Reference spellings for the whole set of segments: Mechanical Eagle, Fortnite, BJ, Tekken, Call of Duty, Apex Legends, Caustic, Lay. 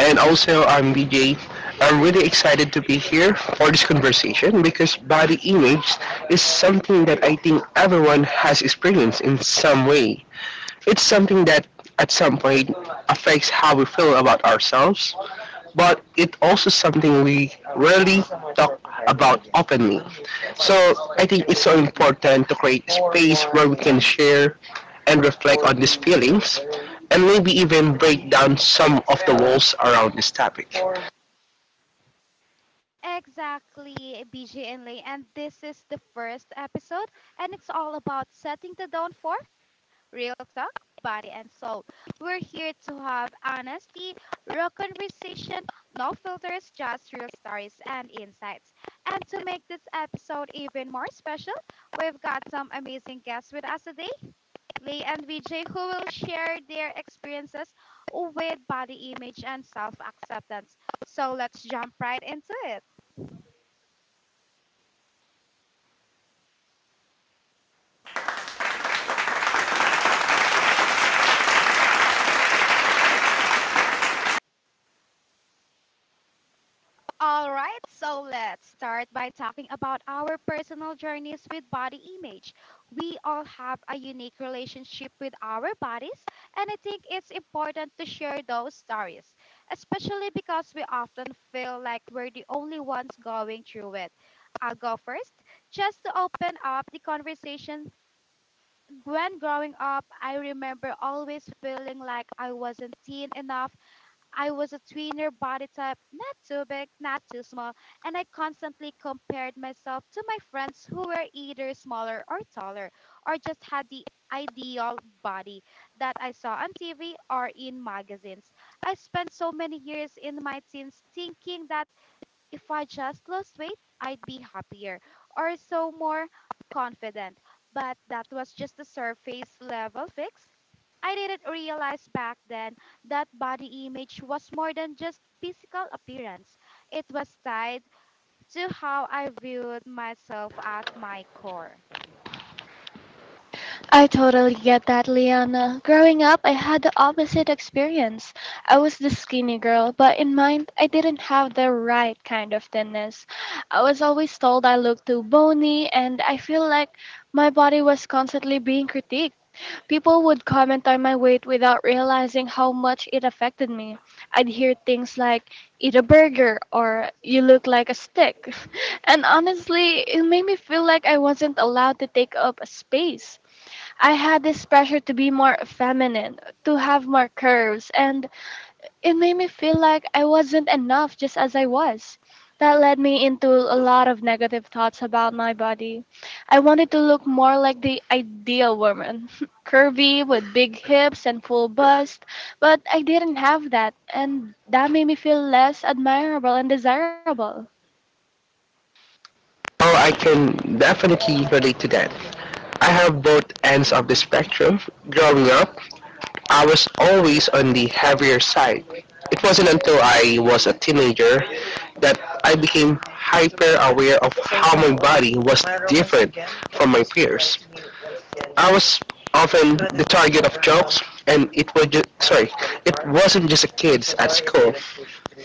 And also, I'm BJ. I'm really excited to be here for this conversation because body image is something that I think everyone has experienced in some way. It's something that at some point affects how we feel about ourselves, but it's also something we rarely talk about openly. So I think it's so important to create space where we can share and reflect on these feelings and maybe even break down some of the walls around this topic. Oh, I can definitely relate to that. I have both ends of the spectrum. Growing up, I was always on the heavier side. It wasn't until I was a teenager that I became hyper aware of how my body was different from my peers. I was often the target of jokes, and it was it wasn't just the kids at school.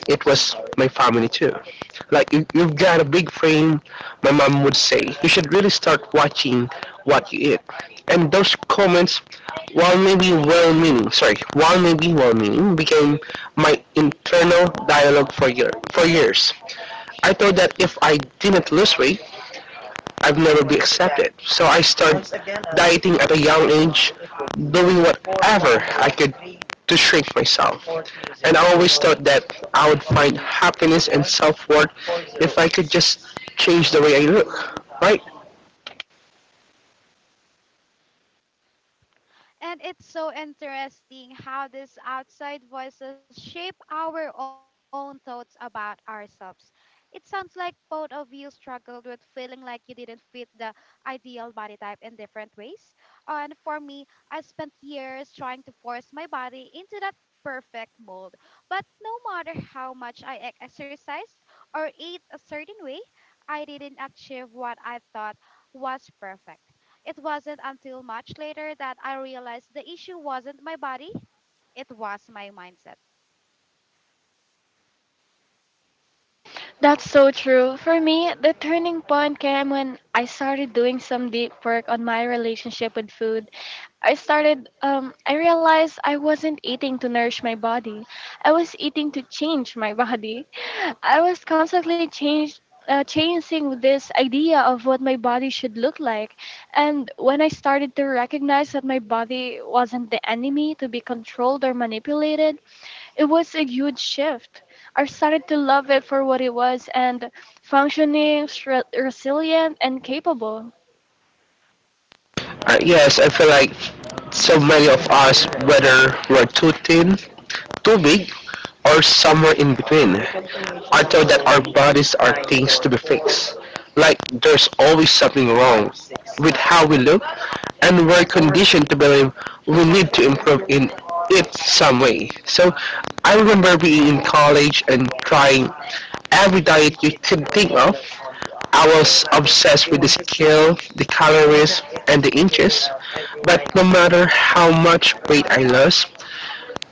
It was my family too. Like you've got a big frame, my mom would say. You should really start watching what you eat. And those comments, while maybe well-meaning, became my internal dialogue for year for years. I thought that if I didn't lose weight, I'd never be accepted. So I started dieting at a young age, doing whatever I could to shrink myself. And I always thought that I would find happiness and self-worth if I could just change the way I look, right? Yes, I feel like so many of us, whether we're too thin, too big, or somewhere in between. I thought that our bodies are things to be fixed. Like there's always something wrong with how we look, and we're conditioned to believe we need to improve in it some way. So I remember being in college and trying every diet you could think of. I was obsessed with the scale, the calories, and the inches. But no matter how much weight I lost,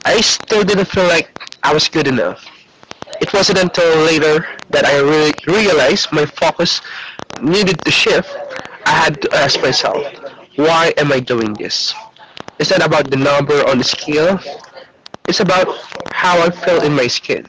I still didn't feel like I was good enough. It wasn't until later that I realized my focus needed to shift. I had to ask myself, why am I doing this? It's not about the number on the scale. It's about how I feel in my skin.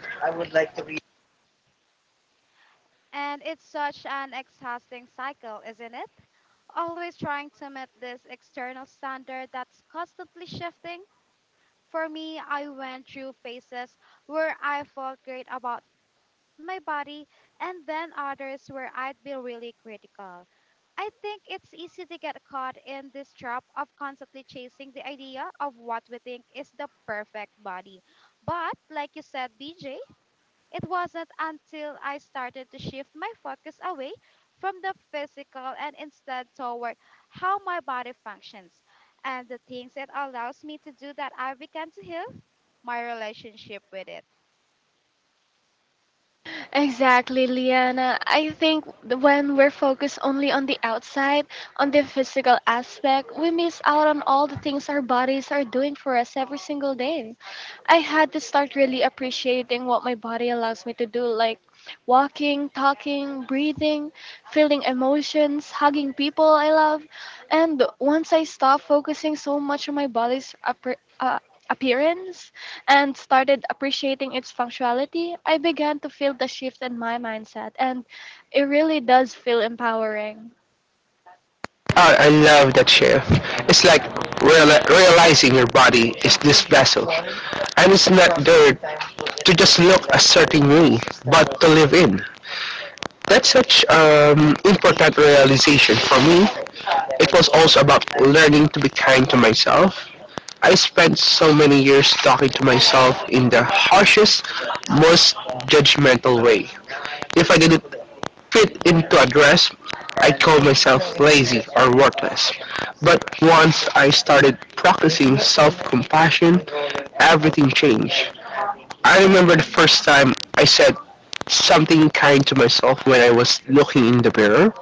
Oh, I love that shift. It's like realizing your body is this vessel, and it's not there to just look a certain way, but to live in. That's such important realization for me. It was also about learning to be kind to myself. I spent so many years talking to myself in the harshest, most judgmental way. If I didn't fit into a dress, I called myself lazy or worthless. But once I started practicing self-compassion, everything changed. I remember the first time I said something kind to myself when I was looking in the mirror.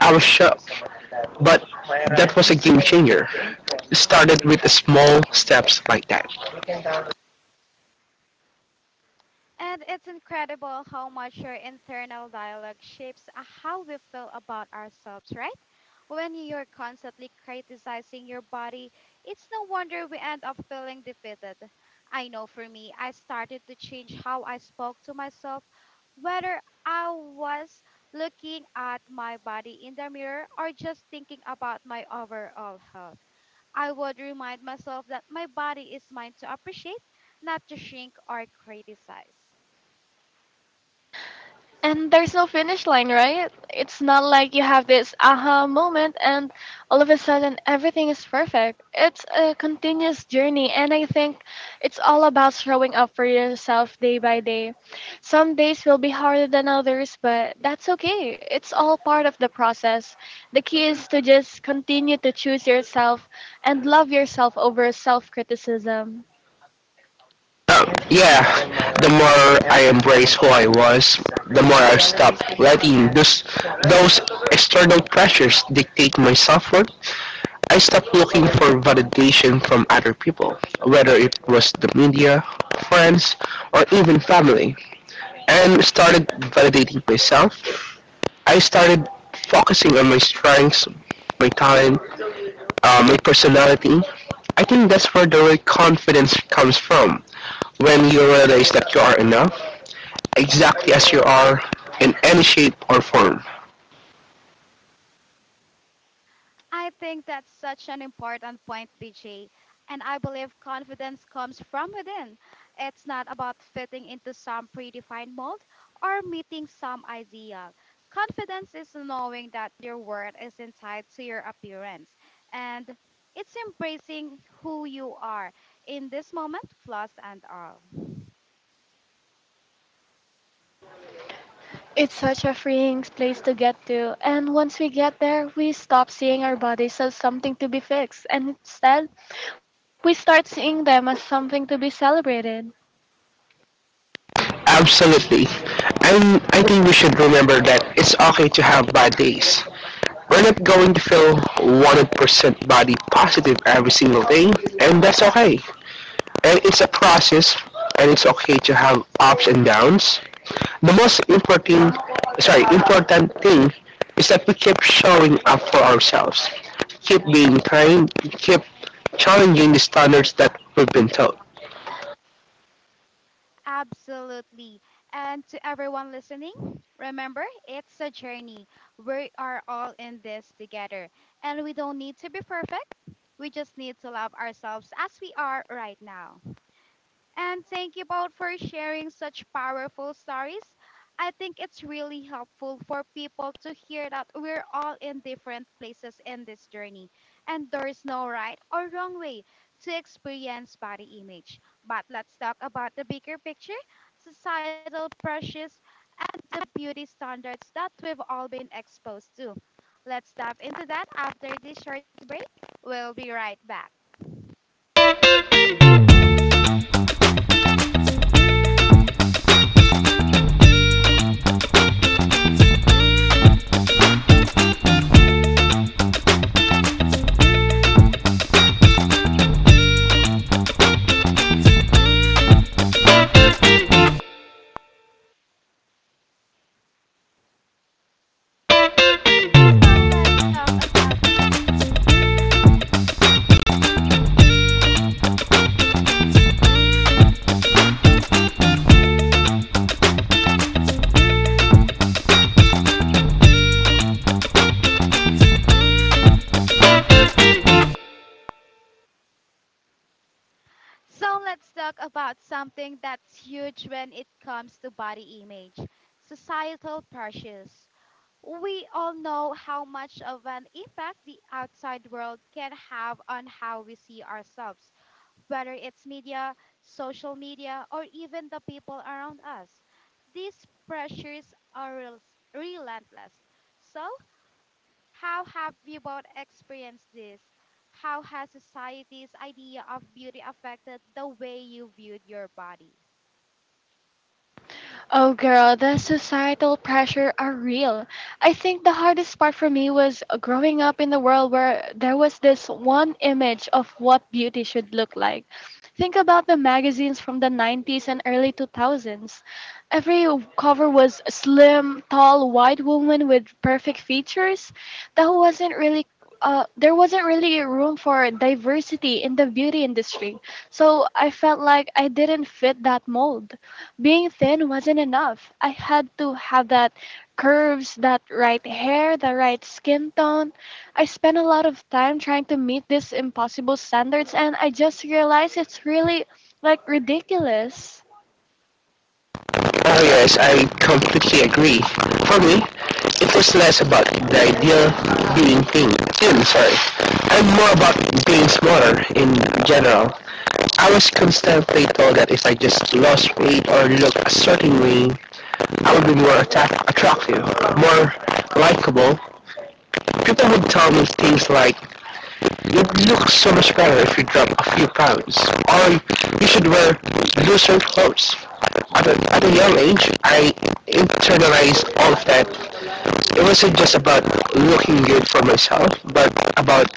I was shocked, but that was a game changer. It started with small steps like that. Yeah, the more I embraced who I was, the more I stopped letting those external pressures dictate my self-worth. I stopped looking for validation from other people, whether it was the media, friends, or even family, and started validating myself. I started focusing on my strengths, my talent, my personality. I think that's where the real confidence comes from. When you realize that you are enough, exactly as you are, in any shape or form. Absolutely. And I think we should remember that it's okay to have bad days. We're not going to feel 100% body positive every single day, and that's okay. And it's a process, and it's okay to have ups and downs. The important thing is that we keep showing up for ourselves, keep being kind, keep challenging the standards that we've been taught. Oh yes, I completely agree. For me, it was less about the ideal being thin, and more about being smaller in general. I was constantly told that if I just lost weight or looked a certain way, I would be more attractive, more likable, people would tell me things like, "You look so much better if you drop a few pounds," or "You should wear looser clothes." At a young age, I internalized all of that. It wasn't just about looking good for myself, but about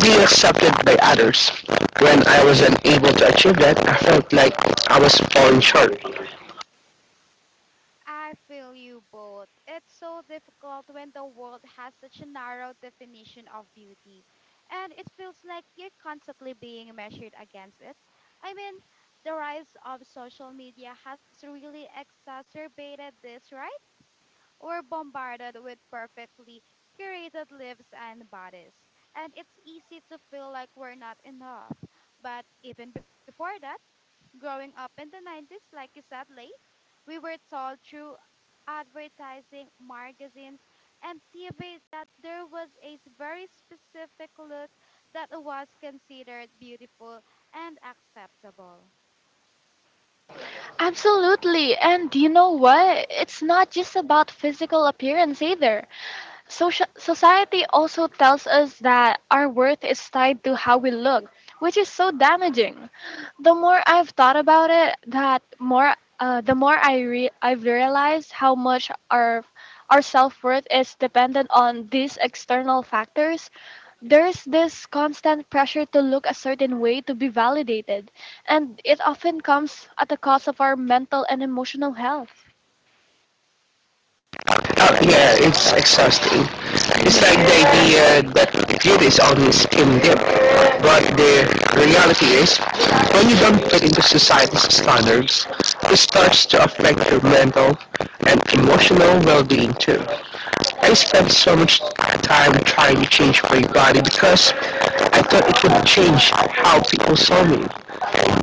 being accepted by others. When I wasn't able to achieve that, I felt like I was falling short. Oh yeah, it's exhausting. It's like the idea that beauty is always skin deep, but the reality is, when you don't fit into society's standards, it starts to affect your mental and emotional well-being too. I spent so much time trying to change my body because I thought it would change how people saw me,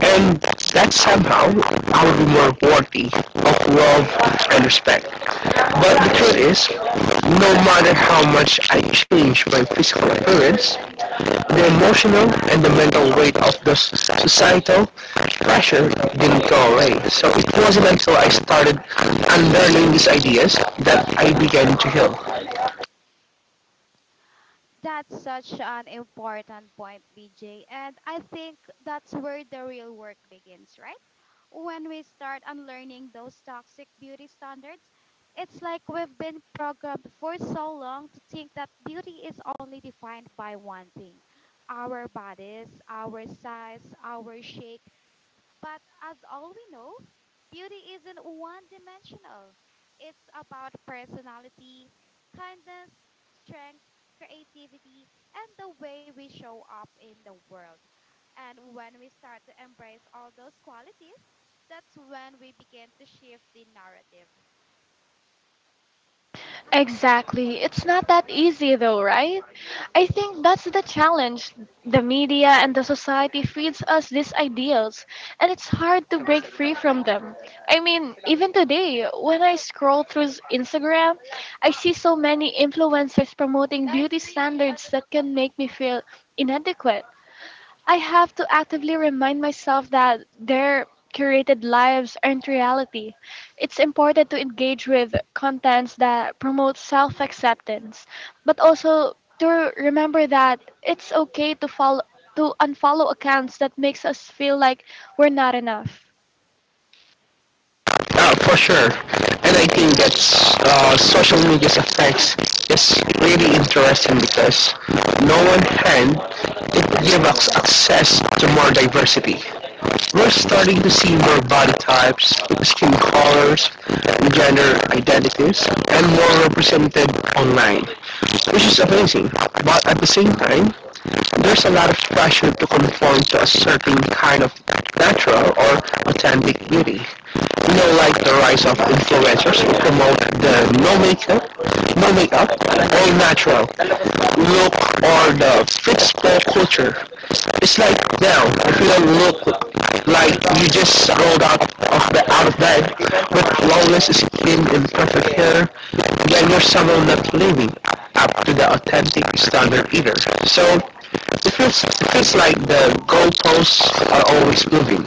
and that somehow I would be more worthy of love and respect. But the truth is, no matter how much I change my physical appearance, the emotional and the mental weight of the societal pressure didn't go away. So it wasn't until I started unlearning these ideas that I began to heal. For sure. And I think that social media's effects is really interesting because no one hand it gives us access to more diversity. We're starting to see more body types, skin colors, gender identities, and more represented online, which is amazing. But at the same time, there's a lot of pressure to conform to a certain kind of natural or authentic beauty. You know, like the rise of influencers who promote the no makeup, all natural, look or the football culture. It's like now, if you don't look like you just rolled out of the out of bed with flawless skin and perfect hair, then you're someone not living up to the authentic standard either. So it feels like the goalposts are always moving.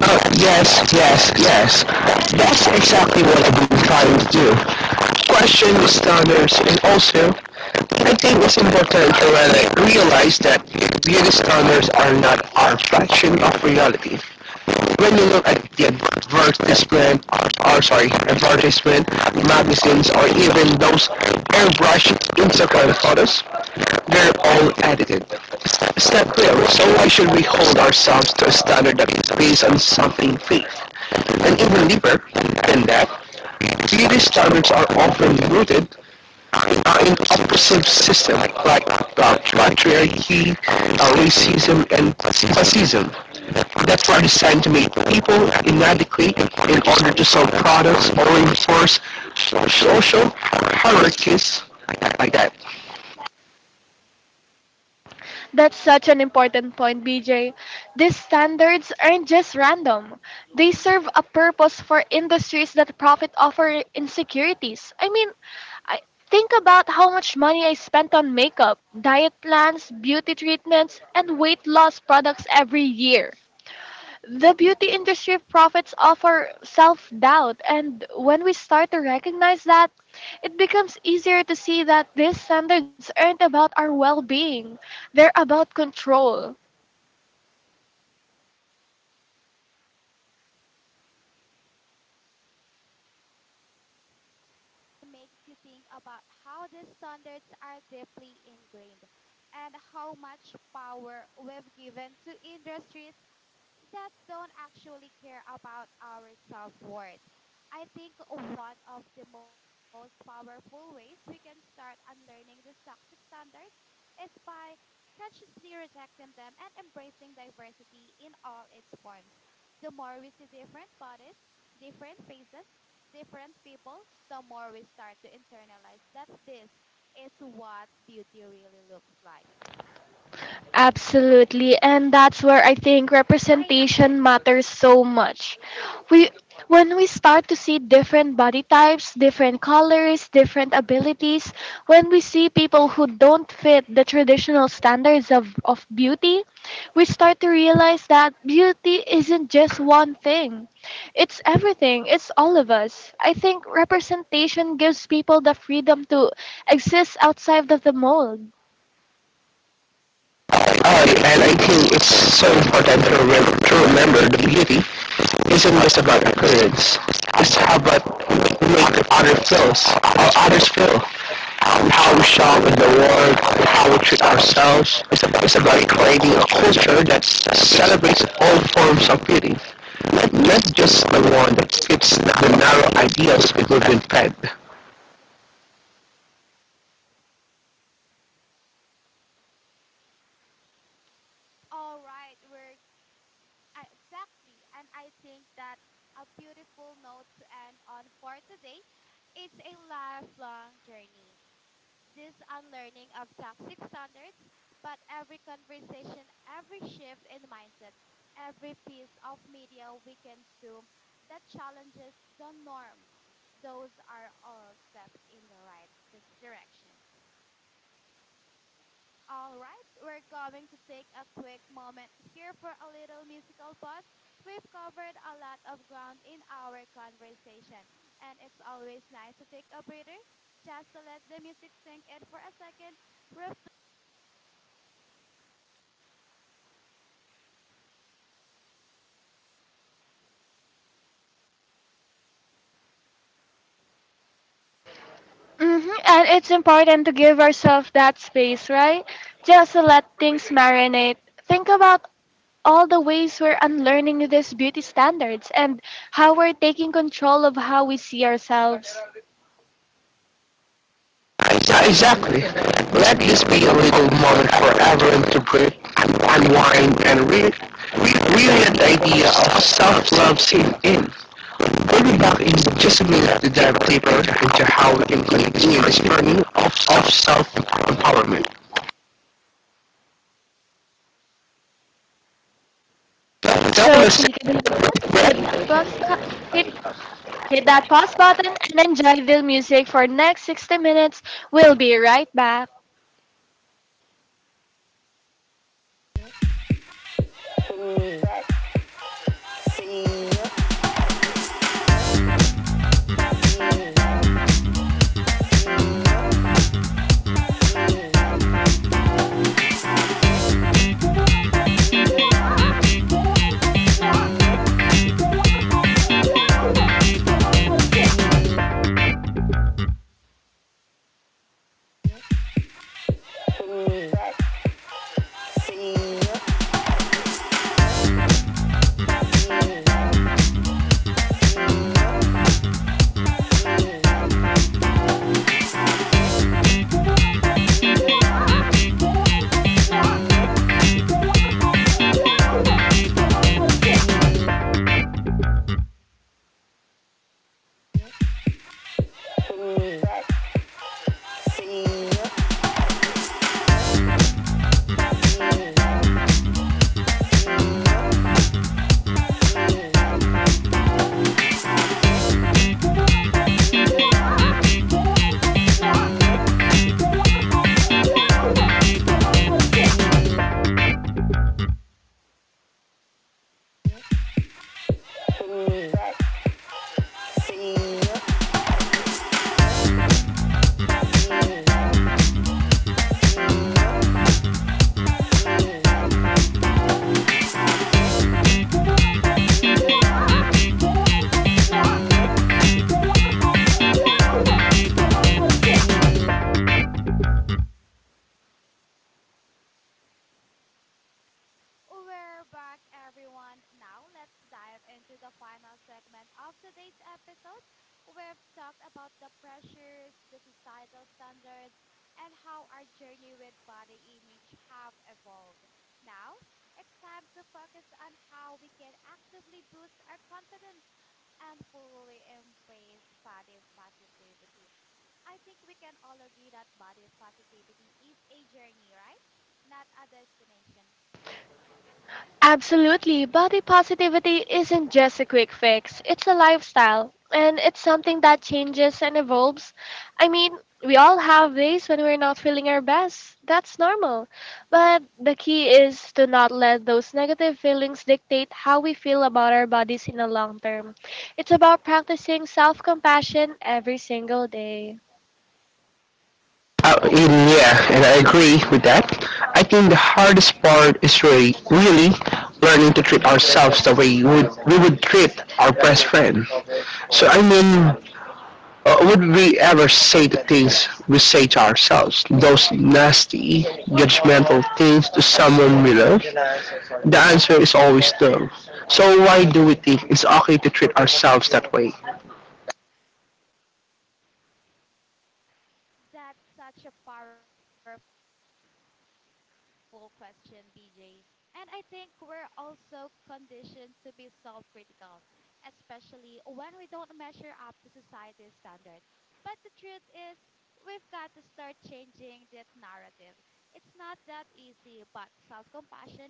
Oh, yes. That's exactly what I've been trying to do. Question the standards and also I think it's important to realize that beauty standards are not our fraction of reality. When you look at the advertisement, magazines, or even those airbrushed Instagram photos, they're all edited. It's not clear, so why should we hold ourselves to a standard that is based on something fake? And even deeper than that, beauty standards are often rooted in oppressive system like patriarchy, racism, and classism that were designed to make people inadequate in order to sell products or enforce social hierarchies like that. And I think it's so important to remember the beauty isn't just about records. It's how about make others feel, how we show in the world, how we treat ourselves. It's about creating a culture that celebrates all forms of beauty, not just the one that fits the narrow ideals people have been fed. Exactly. Let this be a little moment for everyone to breathe, unwind, and really let the idea of self-love sink in. We Going back in just a minute to dive deeper into how we can continue this journey of self-empowerment. Don't mistake that. We're back, everyone. Now let's dive into the final segment of today's episode. We've talked about the pressures, the societal standards, and how our journey with body image have evolved. Now it's time to focus on how we can actively boost our confidence and fully embrace body positivity. I think we can all agree that body positivity is a journey, right? Not a destination. Uh, yeah, and I agree with that. I think the hardest part is really, really learning to treat ourselves the way we would treat our best friend. So I mean, would we ever say the things we say to ourselves? Those nasty, judgmental things to someone we love? The answer is always no. So why do we think it's okay to treat ourselves that way? That's such a powerful question, BJ. And I think we're also conditioned to be self critical, especially when we don't measure up to society's standard. But the truth is, we've got to start changing that narrative. It's not that easy, but self compassion is the foundation.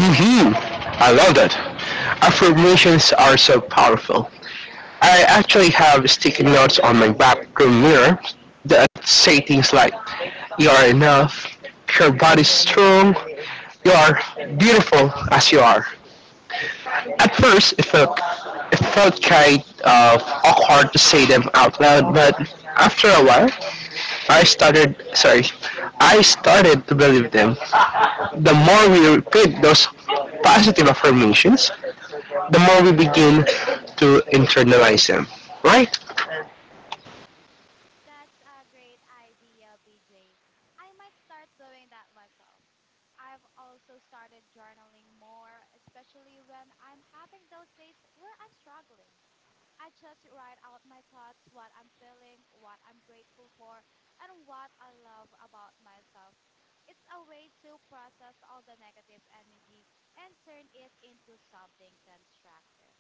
Hmm. I love that. Affirmations are so powerful. I actually have sticky notes on my bathroom mirror that say things like, you are enough, your body's strong, you are beautiful as you are. At first, it felt kind of awkward to say them out loud, but after a while, I started sorry, I started to believe them. The more we repeat those positive affirmations, the more we begin to internalize them, right? That's a great idea, BJ. I might start doing that myself. I've also started journaling more, especially when I'm having those days where I'm struggling. I just write out my thoughts, what I'm feeling, what I'm grateful for, and what I love about myself. It's a way to process all the negative energy and turn it into something constructive.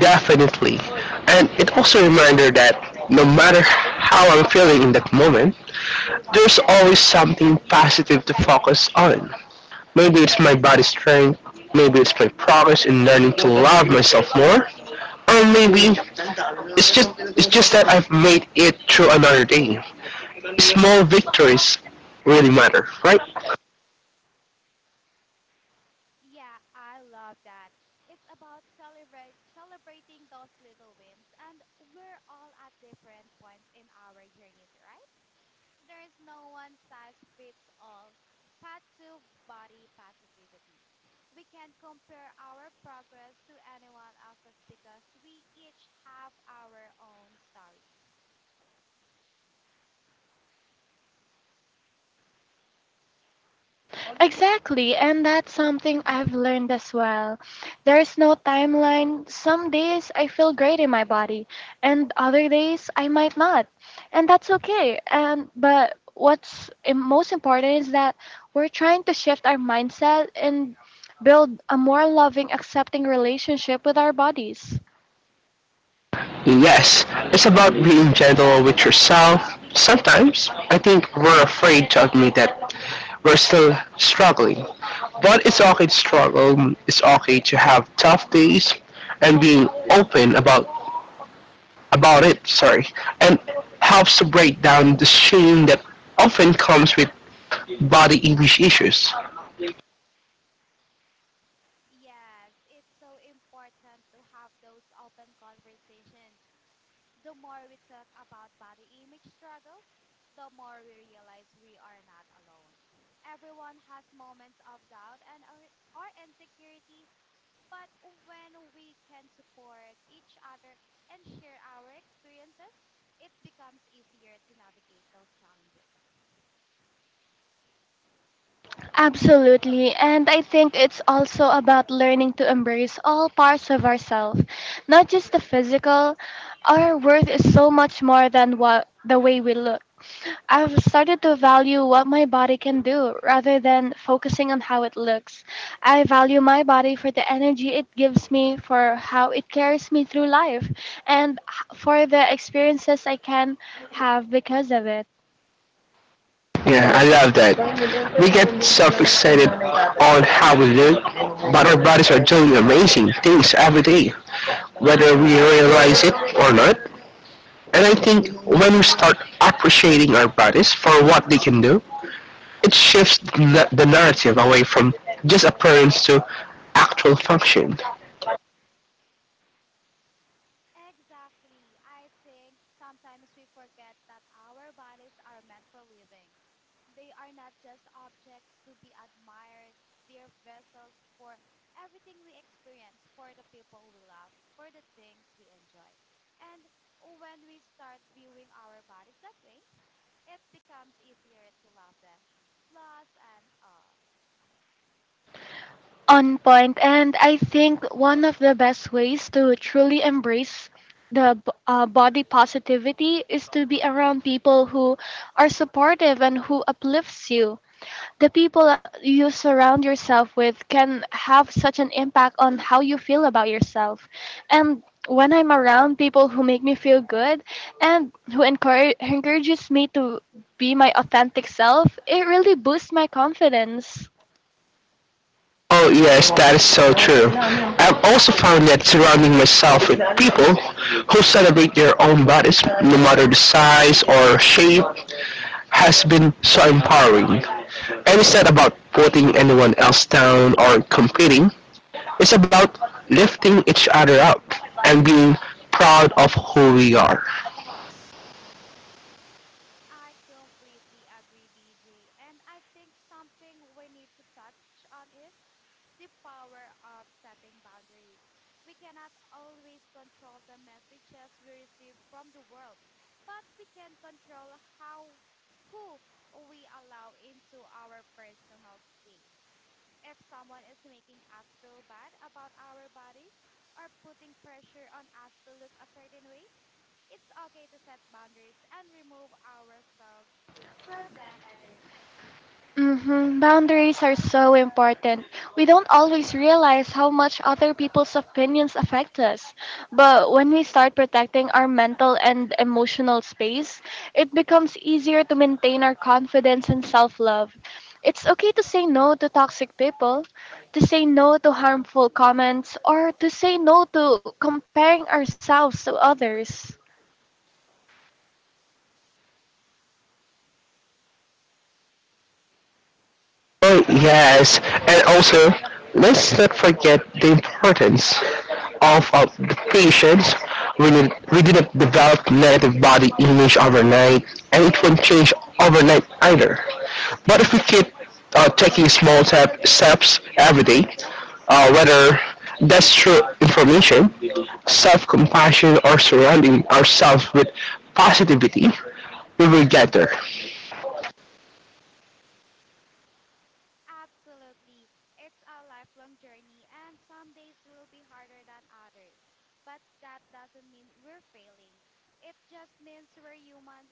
Definitely. And it also reminded that no matter how I'm feeling in that moment, there's always something positive to focus on. Maybe it's my body strength, maybe it's my progress in learning to love myself more, or maybe it's just that I've made it through another day. Small victories really matter, right? Yeah, I love that. It's about celebrate celebrating those little wins, and we're all at different points in our journeys, right? There's no one size fits all path to body positivity. We can't compare our progress to anyone else's because we each have our own story. Yes, it's about being gentle with yourself. Sometimes I think we're afraid to admit that we're still struggling. But it's okay to struggle, it's okay to have tough days, and being open about it, and helps to break down the shame that often comes with body image issues. Yes, it's so important to have those open conversations. The more we talk about body image struggles, the more we realize we are not alone. Everyone has moments of doubt and or insecurity, but when we can support each other and share our experiences, it becomes easier to navigate those challenges. Yeah, I love that. We get self-excited on how we look, but our bodies are doing amazing things every day, whether we realize it or not. And I think when we start appreciating our bodies for what they can do, it shifts the narrative away from just appearance to actual function. Exactly. I think sometimes we forget that our bodies are meant for living. They are not just objects to be admired, they are vessels for everything we experience, for the people we love, for the things we enjoy. And when we start viewing our bodies that way, it becomes easier to love them, flaws and all. Oh yes, that is so true. I've also found that surrounding myself with people who celebrate their own bodies, no matter the size or shape, has been so empowering. And it's not about putting anyone else down or competing. It's about lifting each other up and being proud of who we are. I completely agree, BJ. And I think something we need to touch on is the power of setting boundaries. We cannot always control the messages we receive from the world, but we can control how who we allow into our personal space. If someone is making us feel bad about our bodies or putting pressure on us to look a certain way, it's okay to set boundaries and remove ourselves from that energy. Oh, yes. And also, let's not forget the importance of the patience. We didn't develop negative body image overnight, and it won't change overnight either. But if we keep taking small steps every day, whether that's through information, self-compassion, or surrounding ourselves with positivity, we will get there. Absolutely. It's a lifelong journey, and some days will be harder than others. But that doesn't mean we're failing. It just means we're human.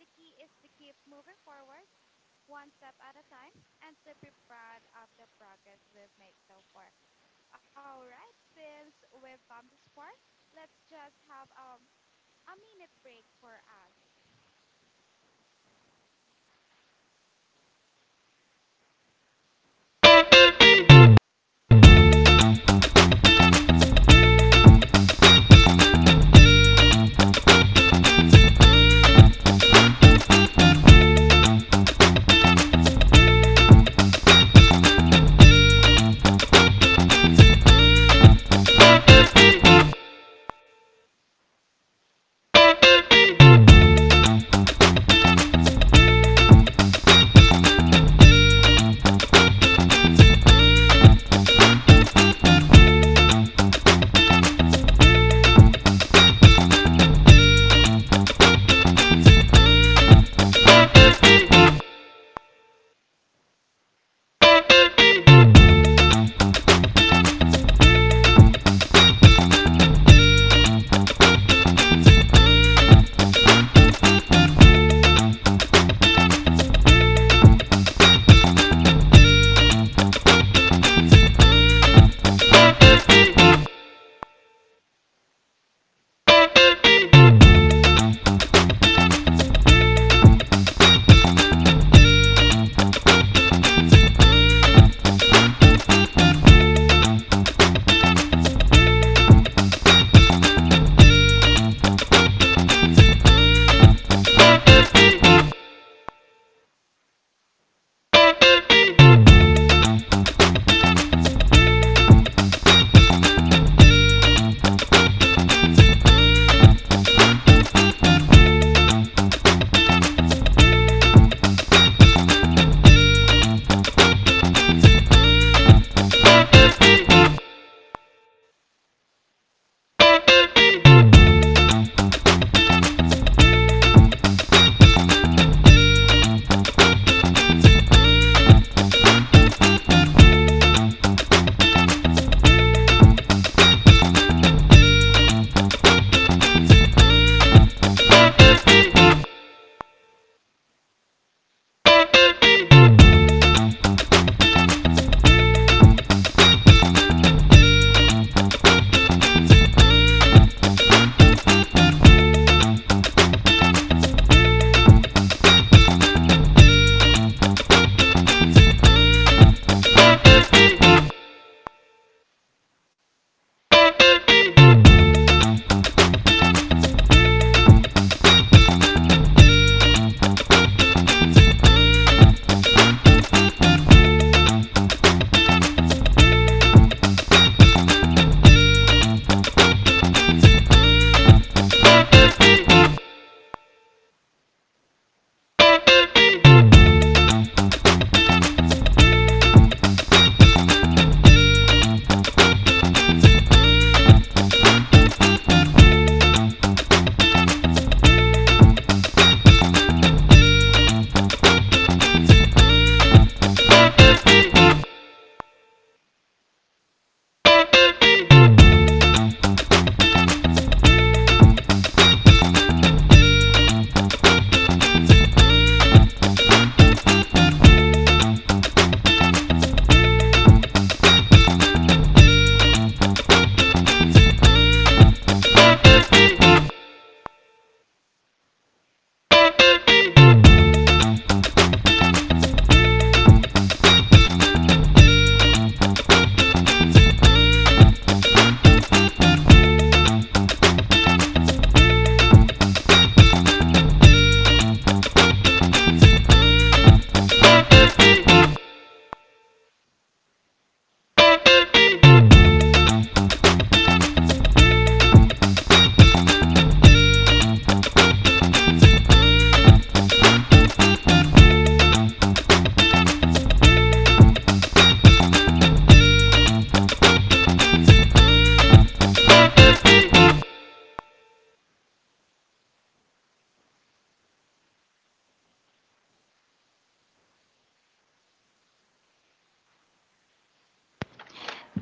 The key is to keep moving forward one step at a time and to be proud of the progress we've made so far. All right, since we've come this far, let's just have a minute break for us.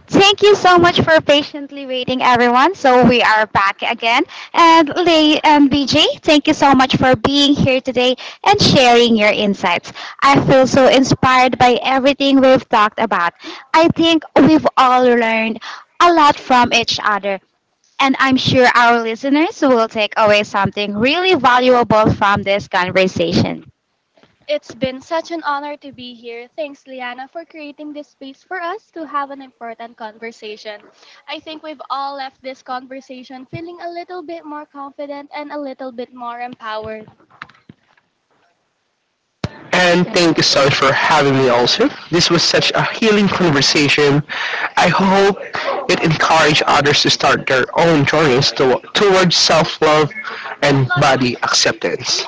Thank you so much for patiently waiting, everyone. So we are back again. And Lay and BJ, thank you so much for being here today and sharing your insights. I feel so inspired by everything we've talked about. I think we've all learned a lot from each other. And I'm sure our listeners will take away something really valuable from this conversation. And thank you so much for having me also. This was such a healing conversation. I hope it encouraged others to start their own journeys towards self-love and body acceptance.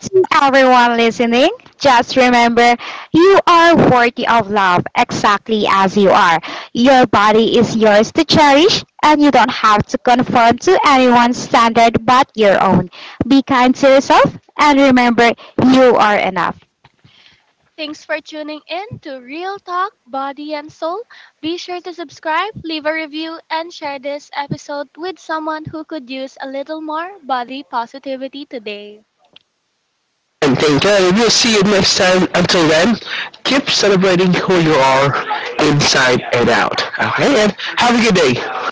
To everyone listening, just remember, you are worthy of love exactly as you are. Your body is yours to cherish, and you don't have to conform to anyone's standard but your own. Be kind to yourself, and remember, you are enough. And thank you. And We'll see you next time. Until then, keep celebrating who you are inside and out. Okay? And have a good day.